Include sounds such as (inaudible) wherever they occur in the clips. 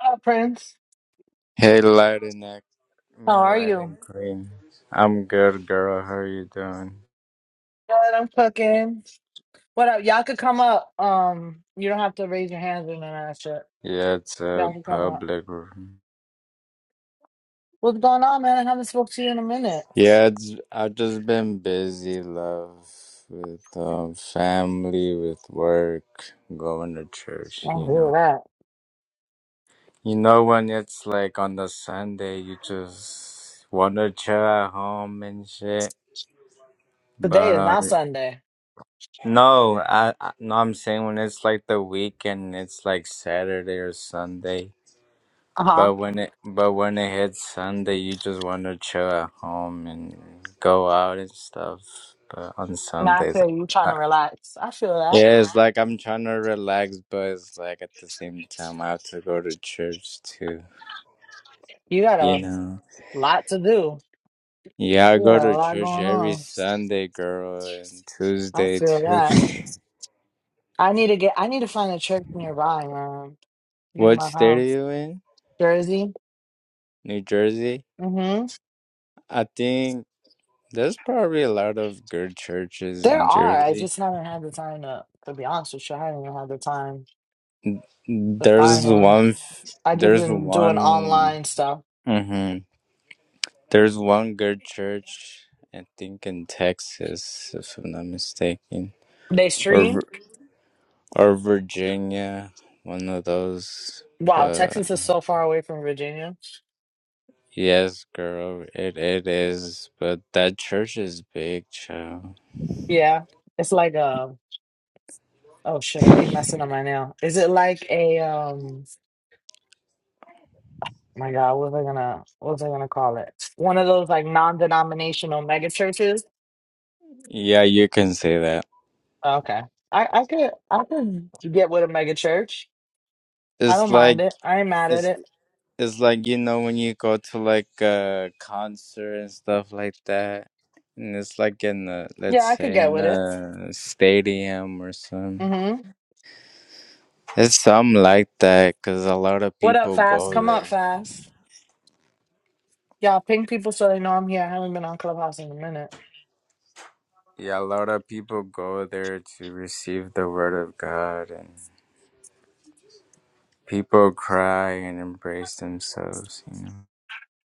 Hi, Prince. Hey, light and act, I How mean are light you? and green. I'm good, girl. How are you doing? Good, I'm cooking. What up? Y'all could come up. Um, you don't have to raise your hands or none of that shit. Yeah, it's a Y'all can come up. public room. What's going on, man? I haven't spoke to you in a minute. Yeah, it's I've just been busy, love, with um, family, with work, going to church. I You feel know, that. you know when it's like on the Sunday, you just want to chill at home and shit. Today But is not um, Sunday. no, I, I no, I'm saying when it's like the weekend, it's like Saturday or Sunday. Uh huh. But when it but when it hits Sunday, you just want to chill at home and go out and stuff. But on Now I Sundays, feel you trying to I, relax. I feel that. yeah, it's like I'm trying to relax, but it's like at the same time I have to go to church too. You got You a know? lot to do. Yeah, I You go got a to lot church going every on. Sunday, girl, and I Tuesday feel too. that. (laughs) I need to get. I need to find a church nearby, man. Near what my state are house, you in? Jersey. New Jersey. Mm-hmm. I think there's probably a lot of good churches There in are. I Jersey. just haven't had the time to, to be honest with you. I haven't even had the time to find There's one. one. f- I just There's been doing one. online stuff. hmm There's one good church, I think, in Texas, if I'm not mistaken, They or stream. Vir- or Virginia, one of those. Wow, But Texas is so far away from Virginia. yes, girl, it it is. But that church is big, child. Yeah, it's like a. Oh shit! I keep messing up my nail. Is it like a um? My God, what was I gonna what was I gonna call it? One of those like non-denominational mega churches. Yeah, you can say that. Okay, I I could I could get with a mega church. I It's don't mind like it. I ain't mad at it's it. It's like you know when you go to like a concert and stuff like that, and it's like in a Yeah, let's I could say get in with it. a stadium or something. Mm-hmm. It's something like that because a lot of What up, people Fast? go Come up, there. Fast. Y'all ping people so they know I'm here. I haven't been on Clubhouse in a minute. Yeah, a lot of people go there to receive the word of God, and people cry and embrace themselves. You know.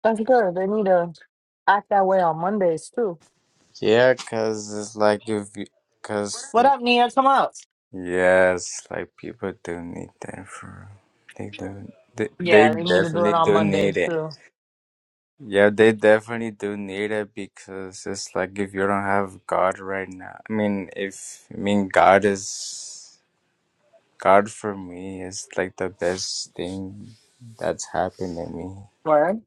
That's good. They need to act that way on Mondays, too. Yeah, cause it's like if because What up, Nia? Come up. Yes, like people do need that for they do they, they Yeah, they need to do it definitely on do need Mondays, it. too. Yeah, they definitely do need it because it's like if you don't have God right now. I mean, if I mean God is God for me is like the best thing that's happened to me. Word?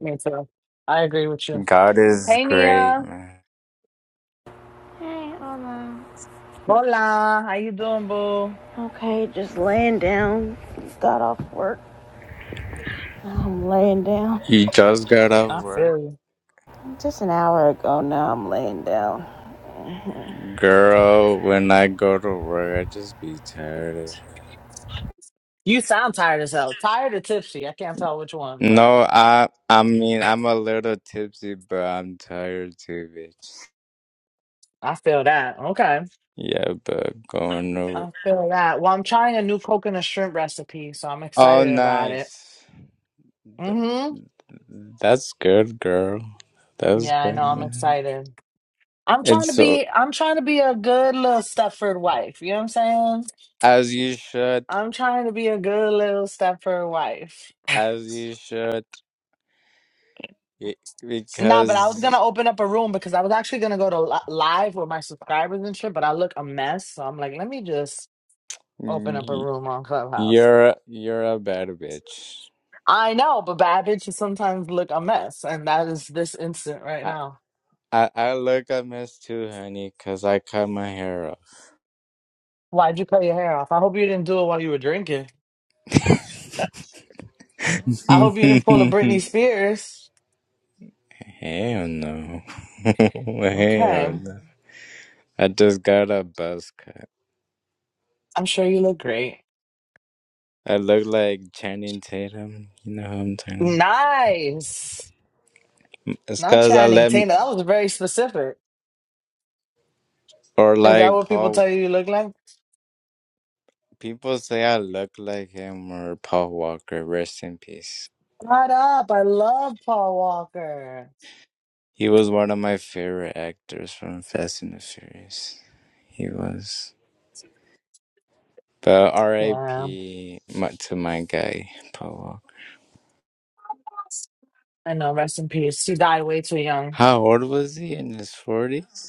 Me, too. I agree with you. God is Hey, great, Nia. man. Hey, Oma. Hola. How you doing, boo? Okay, just laying down. Got off work. I'm laying down. You just got off I work, feel you. Just an hour ago now, I'm laying down. girl. When I go to work, I just be tired of it. You sound tired as hell. Tired or tipsy. I can't tell which one, but No, I I mean I'm a little tipsy, but I'm tired too, bitch. I feel that. Okay. Yeah, but going to I feel that. Well, I'm trying a new coconut shrimp recipe, so I'm Oh, excited about it. nice. Th- Mm-hmm. that's good, girl. That's Yeah, I know. good. I'm man. excited. I'm trying It's to so be I'm trying to be a good little Stepford wife. You know what I'm saying? as you should, I'm trying to be a good little Stepford wife. as you should, y- Nah, but I was gonna because open up a room because I was actually gonna go to li- live with my subscribers and shit, but I look a mess. So I'm like, let me just open up a y- room on Clubhouse. you're you're a bad bitch. I know, but bad bitches sometimes look a mess, and that is this instant right I now. I, I look a mess too, honey, cause I cut my hair Why'd you cut your hair off? I hope you didn't do it while you were drinking. off. (laughs) I hope you didn't pull a Britney (laughs) Spears. Hell no. (laughs) Hell Okay. no. I just got a buzz cut. I'm sure you look great. I look like Channing Tatum. You know who I'm talking about? Nice. It's Not cause I Channing let, m- Tatum. That was very specific. or Is that like what people Paul, tell you you look like? people say I look like him or Paul Walker. Rest in peace. Shut up. I love Paul Walker. He was one of my favorite actors from Fast and the Furious. He was. But Yeah. R.I.P. my- to my guy, Paul Walker. I know. Rest in peace. He died way too young. How old was he? In his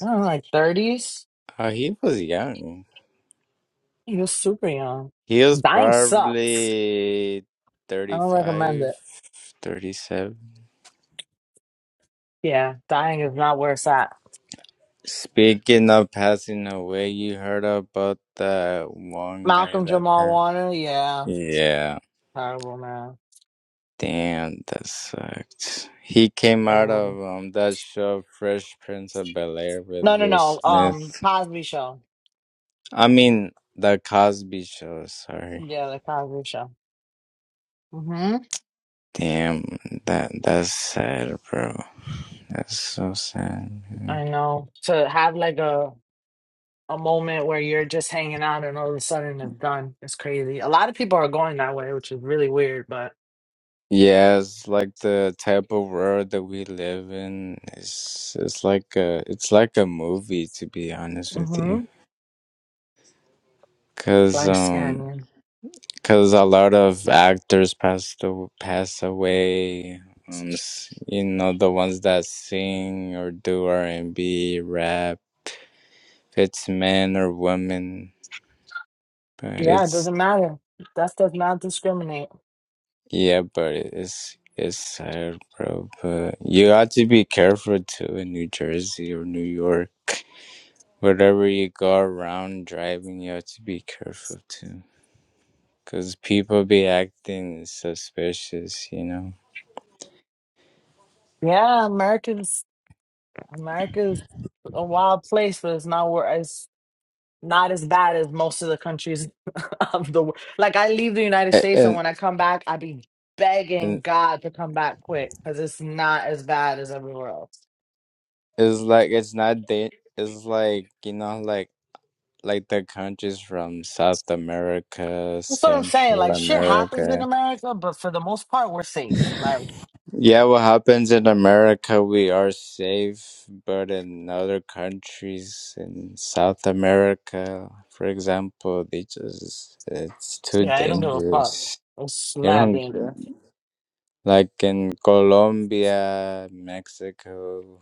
I don't know, like 30s? Oh, he was young. He was super young. He was Dying sucks. probably I don't recommend 35, it. 37. Yeah. Dying is not where it's at. Speaking of passing away, you heard about that one guy Malcolm that Jamal passed? Warner? Yeah. Yeah. Terrible, man. Damn, that sucked. He came out Um, of um, that show, Fresh Prince of Bel Air, with no, no, Will no. Um, Smith. Cosby Show. I mean, the Cosby Show. Sorry. Yeah, the Cosby Show. hmm Damn, that that's sad, bro. That's so sad. I know. To have like a a moment where you're just hanging out and all of a sudden it's done. It's crazy. A lot of people are going that way, which is really weird, but Yeah, it's like the type of world that we live in. It's it's like a it's like a movie to be honest with you, mm-hmm. cause Life um scanning. cause a lot of actors passed aw- pass away. Um, s- you know the ones that sing or do R and B, rap. If it's men or women, but Yeah, it it's doesn't matter. That does not discriminate. yeah, but it's it's sad, bro. But you got to be careful too in New Jersey or New York. wherever you go around driving, you have to be careful too, because people be acting suspicious, you know. Yeah, America's America's a wild place, but it's not where it's not as bad as most of the countries (laughs) of the world. Like I leave the United A- States and And when I come back, I be begging and God to come back quick because it's not as bad as everywhere else. it's like it's not da- It's like you know, like like the countries from South America, That's what I'm saying. Central Like shit happens in America. America, but for the most part, we're safe. Like, Yeah, what happens in America, we are safe, but in other countries in South America, for example, they just it's too yeah, I don't give a fuck. dangerous. It's You mad know, dangerous. like in Colombia, Mexico,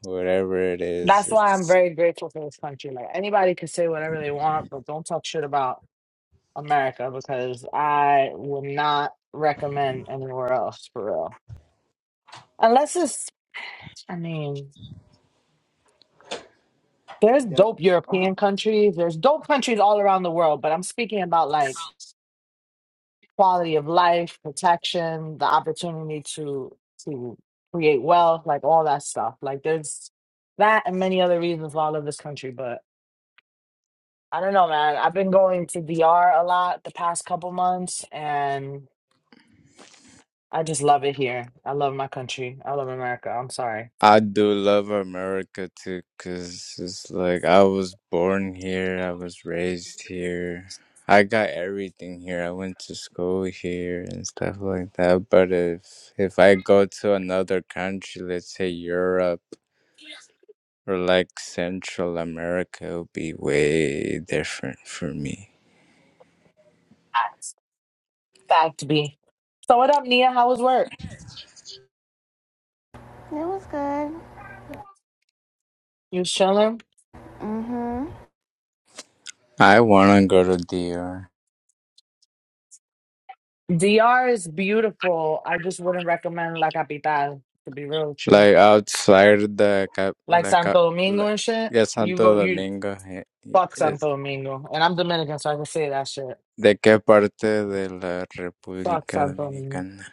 whatever it is, That's why I'm it's. very grateful for this country. Like anybody can say whatever they want, but don't talk shit about America because I would not recommend anywhere else for real. Unless it's, I mean, there's dope European countries. There's dope countries all around the world, but I'm speaking about like. quality of life, protection, the opportunity to to create wealth, like all that stuff. Like there's that and many other reasons why I love this country. But I don't know, man. I've been going to DR a lot the past couple months, and I just love it here. I love my country. I love America. I'm sorry. I do love America too, cause it's like I was born here, I was raised here, I got everything here. I went to school here and stuff like that. But if if I go to another country, let's say Europe or like Central America, it'll be way different for me. Facts. Fact B. So what up, Nia? How was work? It was good. You was chilling? Mm hmm. I wanna go to DR. DR is beautiful. I just wouldn't recommend La Capital to be real with you. like outside the cap, Like like, a- Santo Domingo like and shit. ya You go, Santo you Domingo, eh, fuck eh, Santo Domingo. And I'm Dominican, so I can say that shit. ¿de qué parte de la Fuck República Santo Domingo. Dominicana?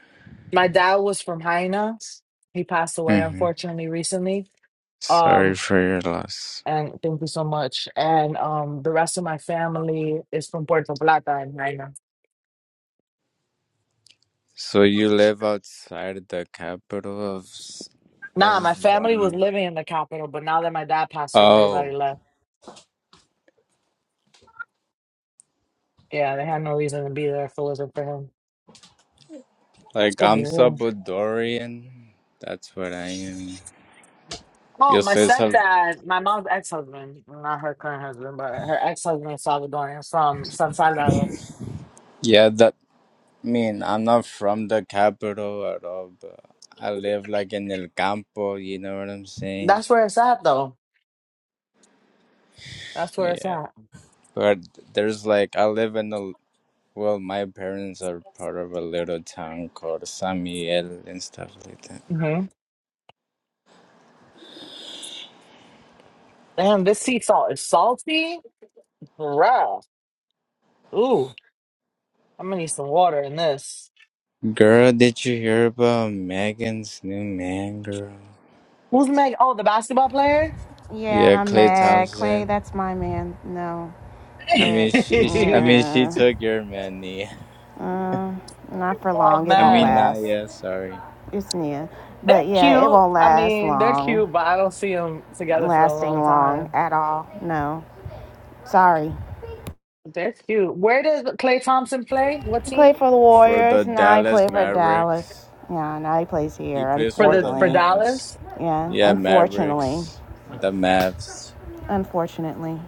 My dad was from Haina. He passed away, hmm unfortunately, recently. Sorry Um, for your loss. and thank you so much. And um, the rest of my family is from Puerto Plata and Haina. So you live outside the capital of s- Nah, of my family was um. living in the capital, but now that my dad passed away, everybody Oh, left. Yeah, they had no reason to be there if it wasn't for him. like I'm Salvadorian. That's what I am. Oh, Yo my soy Sal. stepdad, my mom's ex-husband, not her current husband, but her ex-husband is Salvadorian from San Salvador. Yeah, that I mean, I'm not from the capital at all, but I live like in El Campo, you know what I'm saying? That's where it's at, though. That's where it's Yeah. at. But there's like, I live in a, well, my parents are part of a little town called San Miguel and stuff like that. hmm Damn, this sea salt is salty, bruh. Ooh, I'm gonna need some water in this. Girl, did you hear about Megan's new man, girl? Who's Meg? Oh, the basketball player. Yeah, Yeah, I'm Clay mad. Clay, Thompson. that's my man. No. I mean, But, she, she, I (laughs) mean, she yeah. took your money. (laughs) Um, not for oh long. It I won't mean, man, not last. yeah, sorry. It's Nia. they're But, yeah, it cute. won't I last mean, they're long. cute, but I don't see them together for a Lasting long time. long at all. No. Sorry. That's cute. Where does Clay Thompson play? What He played team? for the For the Warriors, and now he Dallas played for Dallas. Mavericks. Yeah, now he plays He here, plays For for the the for unfortunately. Mavs. Dallas? Yeah, Yeah, unfortunately. Mavericks, the Mavs. Unfortunately,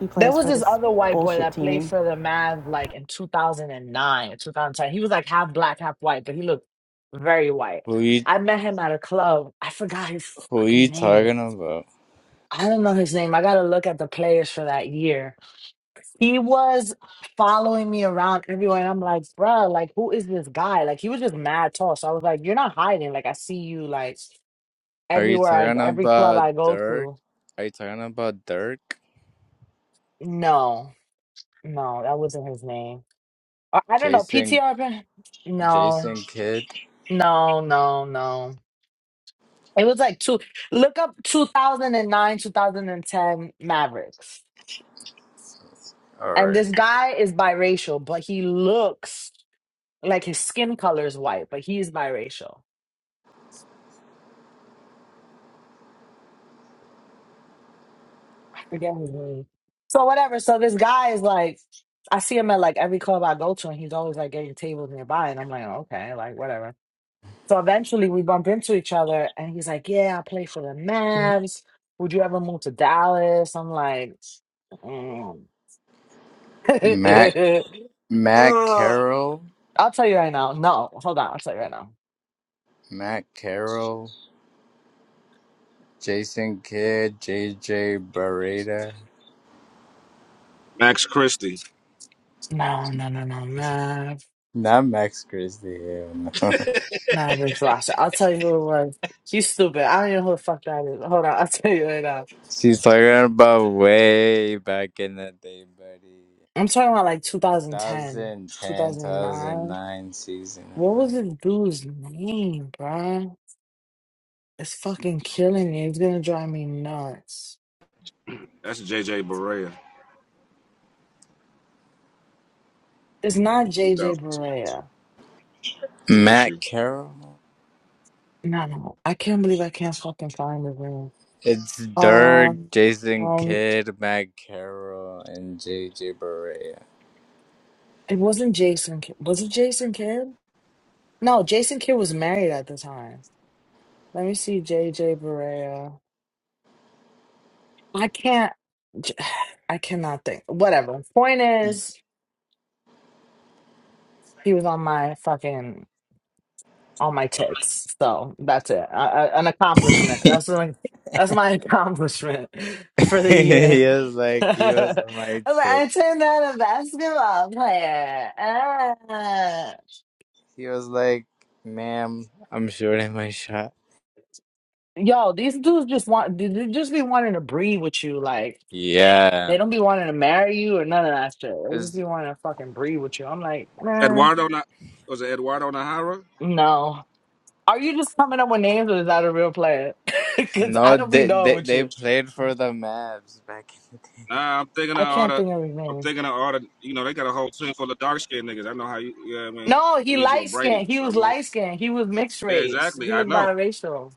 he There plays was for this this other white boy bullshit that played team. for the Mavs like in 2009 or 2010. He was like half black, half white, but he looked very white. Who you I met him at a club. I forgot his who fucking you name. talking about? I don't know his name. I gotta look at the players for that year. He was following me around everywhere, and I'm like, bruh, like who is this guy? Like he was just mad tall. So I was like, you're not hiding. Like I see you. Like Are you everywhere I talking every club about I go Dirk? to. Are you talking about Dirk? No, no, that wasn't his name. I, I don't know Jason PTR. pa- No, Jason Kidd? no, no, no. It was like two. Look up 2009, 2010 Mavericks, and Alright. this guy is biracial, but he looks like his skin color is white, but he's biracial. I forget his name. So whatever. So this guy is like. I see him at like every club I go to, and he's always like getting tables nearby, and I'm like, okay, like whatever. So eventually we bumped into each other and he's like, Yeah, I play for the Mavs. Would you ever move to Dallas? I'm like, mm. Matt (laughs) Matt Ugh. Carroll? I'll tell you right now. No, hold on. I'll tell you right now. Matt Carroll. Jason Kidd, J J. Barreta. Max Christie. No, no, no, no, Mav. Not Max Christie, hell no. Mavericks roster. I'll tell you who it was. You stupid. I don't even know who the fuck that is. Hold on. (laughs) I'll tell you right now. (laughs) She's talking about way back in the day, buddy. I'm talking about like Two 2010, thousand ten, two thousand 2009. nine season. What was this dude's name, bruh? It's fucking killing me. It's gonna drive me nuts. That's J J. Barea, It's not JJ 2006. Barea. He missed Matt you. Carroll? No, no. no. I can't believe I can't fucking find the room. It's Dirk, Um, Jason um, Kidd, Matt Carroll, and JJ Barea. it wasn't Jason. Ki- Was it Jason Kidd? No, Jason Kidd was married at the time. Let me see JJ Barea. I can't. J- (sighs) I cannot think. Whatever. Point is, he was on my fucking. All my tits. So that's it. A, a- an accomplishment. That's my that's my (laughs) accomplishment for (laughs) the year. he was (laughs) like, he was I, on my was like, tip. I turned out a basketball player. Ah. He was like, ma'am, I'm shooting my shot. Yo, these dudes just want they they just be wanting to breed with you. Like Yeah. they don't be wanting to marry you or none of that shit. They just be It's, wanting to fucking breed with you. I'm like, man, Eduardo Na- was it Eduardo Nahara? no. Are you just coming up with names or is that a real player? (laughs) Because I no, don't be they, knowing they, with they you. played for the Mavs back in the day. Nah, I'm thinking of I all can't the think of his I'm name. thinking of all the you know, they got a whole team full of dark skinned niggas. I know how you yeah, I mean, No, you he need you a light skinned. Brady. He So I was know light skinned. He was mixed Yeah, race. exactly. He I looked know. biracial.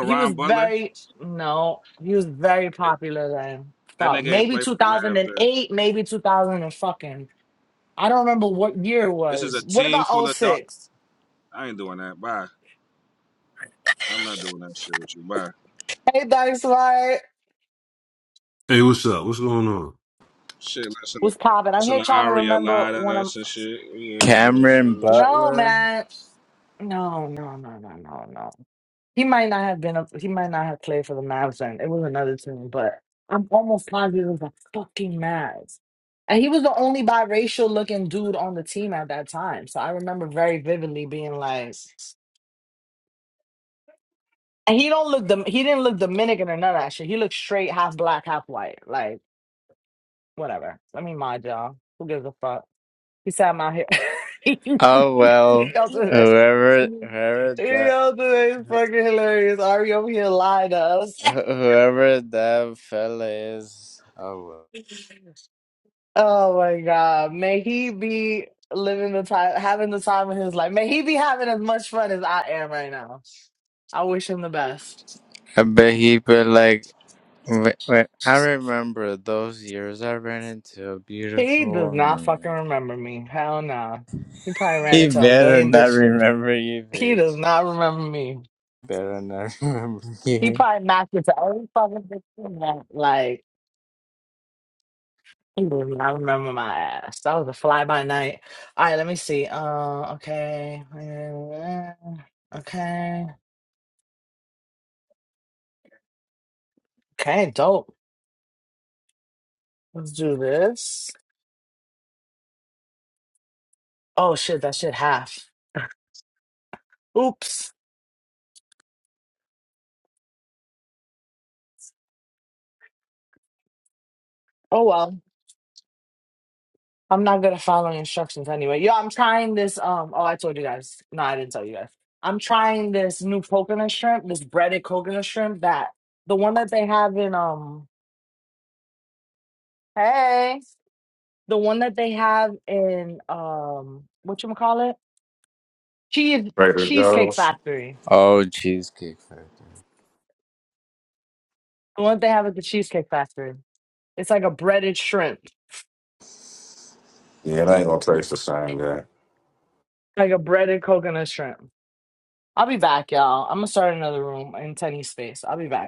He was Butler. very no. He was very That popular then. that Fuck, nigga ain't maybe play two for the thousand Mavs and there. eight, maybe two thousand and fucking. I don't remember what year it This is a was. What team about oh full of dark six? I ain't doing that. Bye. I'm not doing that shit with you. Bye. Hey, Dice White Hey, what's up? What's going on? Shit, listen to was popping. I'm listen here to trying to Aria remember lie when to I'm. us and shit. We ain't doing Cameron shit. We chill. No, Butler. man. No, no, no, no, no, no. He might not have been. A, he might not have played for the Mavs then. It was another team, but I'm almost positive it was the fucking Mavs. And he was the only biracial looking dude on the team at that time. So I remember very vividly being like, and he don't look. Dom- He didn't look Dominican or none of that shit. He looked straight, half black, half white. Like whatever. Let me mind y'all. Who gives a fuck? He said I'm out here. (laughs) Oh well, y'all do it. whoever, whoever that. Y'all do fucking hilarious. Ari over here lied to us. Wh- Whoever that fella is, oh, well. (laughs) Oh my God. May he be living the time, having the time of his life. May he be having as much fun as I am right now. I wish him the best. I bet he put like. Wait, wait, I remember those years I ran into a He beautiful does not fucking woman. remember me. Hell no. He probably ran He into a better million not bitch. remember you, He does bitch. not remember me. Better not (laughs) remember He you. probably knocked into every fucking bitch he met. Like, he does not remember my ass. That was a fly by night. All right, let me see. Uh, okay. (laughs) Okay. Okay, dope. Let's do this. Oh shit, that shit half. Oops. Oh well. I'm not gonna follow instructions anyway. Yo, I'm trying this. Um. Oh, I told you guys. No, I didn't tell you guys. I'm trying this new coconut shrimp, this breaded coconut shrimp. That the one that they have in um. Hey. The one that they have in um. What you call it? Cheese Trader Cheesecake Joe's. Factory. Oh, Cheesecake Factory. The one they have at the Cheesecake Factory. It's like a breaded shrimp, Yeah, it ain't gonna taste the same, yeah. like a breaded coconut shrimp. I'll be back, y'all. I'm gonna start another room in Tenny's space. I'll be back.